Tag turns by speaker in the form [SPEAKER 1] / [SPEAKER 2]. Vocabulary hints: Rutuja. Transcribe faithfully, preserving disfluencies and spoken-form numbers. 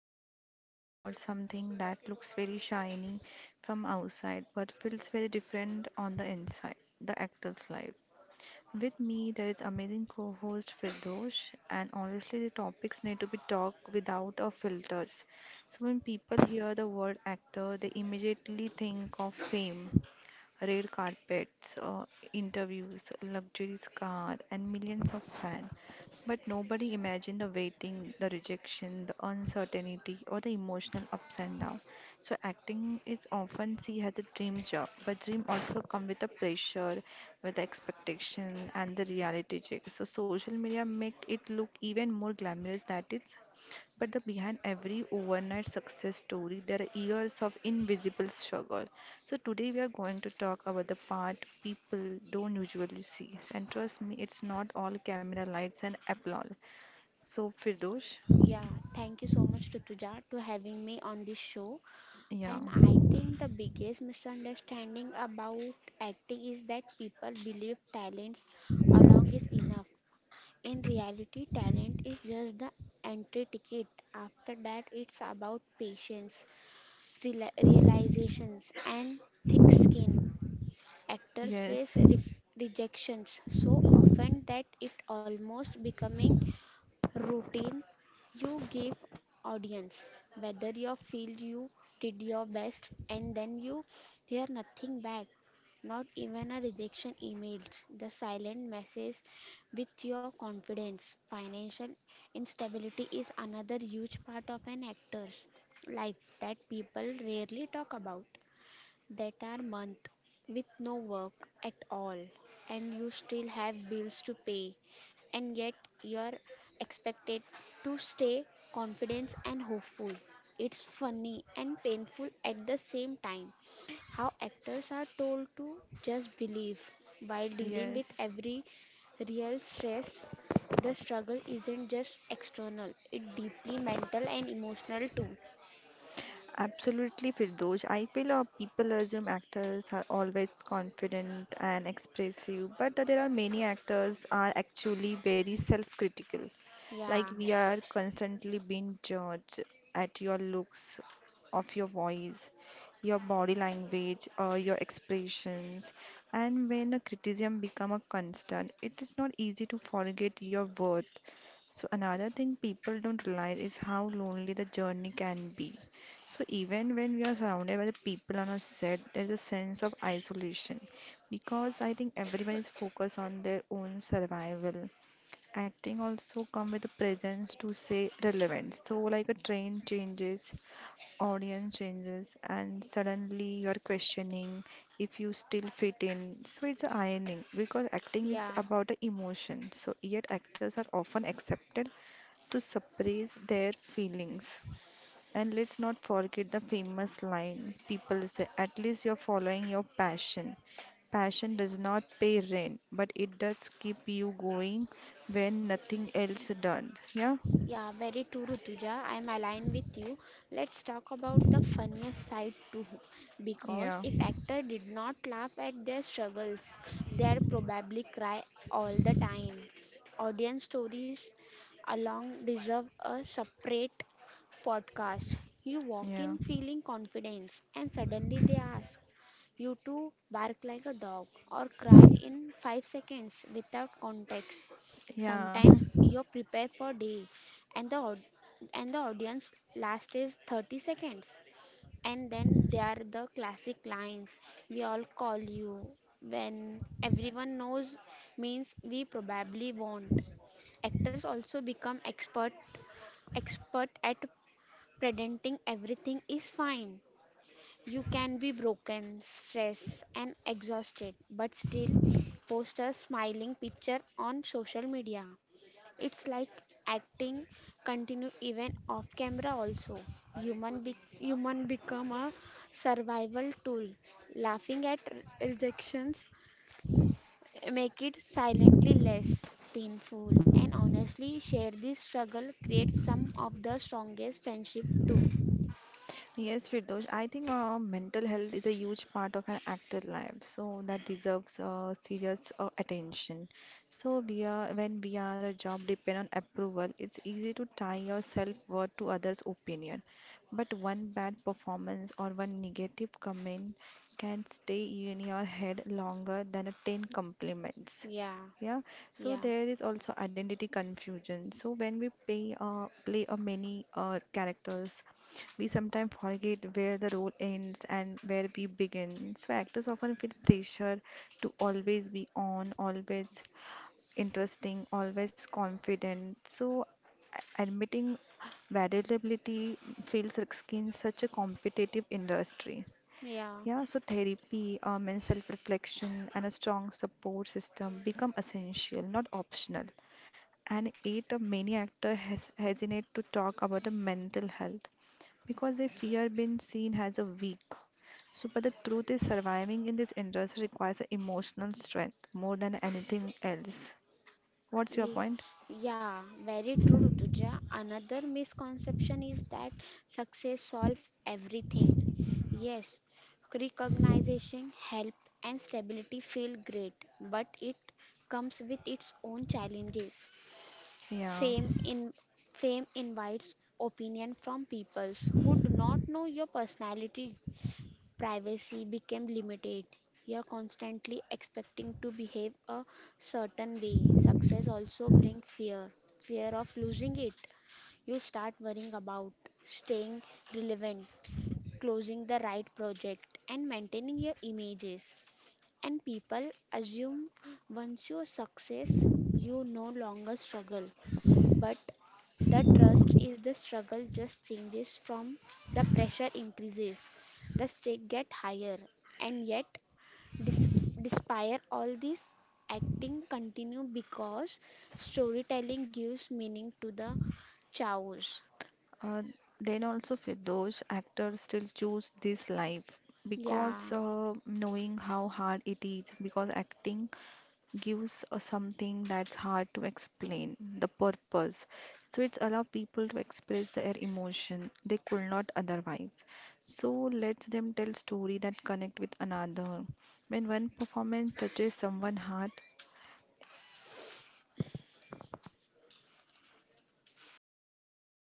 [SPEAKER 1] today we are talking about something that looks very shiny from outside but feels very different on the inside, the actor's life. With me there is amazing co-host Firdosh and honestly the topics need to be talked without a filters. So when people hear the word actor they immediately think of fame, red carpets, uh, interviews, luxury car, and millions of fans. But nobody imagined the waiting, the rejection, the uncertainty, or the emotional ups and downs. So acting is often seen as a dream job, but dream also come with the pressure, with the expectation, and the reality check. So social media make it look even more glamorous than it but the behind every overnight success story, there are years of invisible struggle. So today we are going to talk about the part people don't usually see. And trust me, it's not all camera lights and applause. So Firdosh,
[SPEAKER 2] Yeah, thank you so much, Rutuja, to having me on this show.
[SPEAKER 1] yeah,
[SPEAKER 2] And I think the biggest misunderstanding about acting is that people believe talents alone is enough. In reality, talent is just the entry ticket. After that, it's about patience, reali- realizations, and thick skin. Actors
[SPEAKER 1] yes,
[SPEAKER 2] face ref- rejections so often that it almost becoming routine. You give audience whether you feel you did your best and then you hear nothing back, not even a rejection emails, the silent message with your confidence. Financial instability is another huge part of an actor's life that people rarely talk about. That are month with no work at all and you still have bills to pay, and yet you're expected to stay confident and hopeful. It's funny and painful at the same time how actors are told to just believe while dealing with
[SPEAKER 1] yes.
[SPEAKER 2] every real stress. The struggle isn't just external, it's deeply mental and emotional too.
[SPEAKER 1] Absolutely, Firdosh. I feel uh, people assume actors are always confident and expressive, but there are many actors are actually very self-critical. Like
[SPEAKER 2] yeah
[SPEAKER 1] we are constantly being judged at your looks, of your voice, your body language, uh, your expressions. And when a criticism become a constant, it is not easy to forget your worth. So another thing people don't realize is how lonely the journey can be. So even when we are surrounded by the people on our set, there's a sense of isolation because I think everyone is focused on their own survival acting also come with a presence to say relevance, so like a train changes, audience changes and suddenly you're questioning if you still fit in. So it's ironing because acting is
[SPEAKER 2] yeah
[SPEAKER 1] about the emotion so yet actors are often accepted to suppress their feelings. And let's not forget the famous line people say, at least you're following your passion. Passion does not pay rent, but it does keep you going when nothing else does. Yeah,
[SPEAKER 2] Yeah, very true, Rutuja. I'm aligned with you. Let's talk about the funniest side too. Because
[SPEAKER 1] yeah,
[SPEAKER 2] if actor did not laugh at their struggles, they'd probably cry all the time. Audience stories along deserve a separate podcast. You walk
[SPEAKER 1] yeah,
[SPEAKER 2] in feeling confidence, and suddenly they ask, you two bark like a dog or cry in five seconds without context.
[SPEAKER 1] yeah.
[SPEAKER 2] Sometimes you prepare for day and the au- and the audience last is thirty seconds. And then there are the classic lines we all call you when everyone knows means we probably won't. Actors also become expert expert at pretending everything is fine. You can be broken, stressed, and exhausted, but still post a smiling picture on social media. It's like acting continue even off camera also. Human be- human become a survival tool. Laughing at re- rejections make it silently less painful, and honestly share this struggle creates some of the strongest friendship too.
[SPEAKER 1] Yes, Firdosh, I think uh, mental health is a huge part of an actor life, so that deserves uh, serious uh, attention. So we are when we are a job depend on approval, it's easy to tie your self-worth to others' opinion. But one bad performance or one negative comment can stay in your head longer than a ten compliments.
[SPEAKER 2] Yeah,
[SPEAKER 1] Yeah, so
[SPEAKER 2] yeah,
[SPEAKER 1] there is also identity confusion. So when we play uh, play a many uh, characters we sometimes forget where the role ends and where we begin. So actors often feel pressure to always be on, always interesting, always confident. So a- admitting variability feels risky in such a competitive industry.
[SPEAKER 2] yeah.
[SPEAKER 1] Yeah, so therapy, um, and self-reflection and a strong support system become essential, not optional and yet many actors hes- hesitate to talk about the mental health because they fear being seen as a weak. So, but the truth is, surviving in this industry requires a emotional strength more than anything else. What's your
[SPEAKER 2] Y-
[SPEAKER 1] point?
[SPEAKER 2] Yeah, very true, Rutuja. Another misconception is that success solves everything. Yes, recognition, help, and stability feel great, but it comes with its own challenges.
[SPEAKER 1] Yeah.
[SPEAKER 2] Fame in Fame invites opinion from peoples who do not know your personality. Privacy became limited. You're constantly expecting to behave a certain way. Success also brings fear fear of losing it. You start worrying about staying relevant, closing the right project, and maintaining your images. And people assume once you success, you no longer struggle. But the trust is the struggle just changes from. The pressure increases, the stake get higher, and yet dis- despite all this acting continue because storytelling gives meaning to the chaos.
[SPEAKER 1] Uh, then also, for those actors still choose this life because
[SPEAKER 2] Yeah.
[SPEAKER 1] uh, knowing how hard it is, because acting gives us something that's hard to explain the purpose. So it's allow people to express their emotion they could not otherwise. So lets them tell story that connect with another. When one performance touches someone's heart,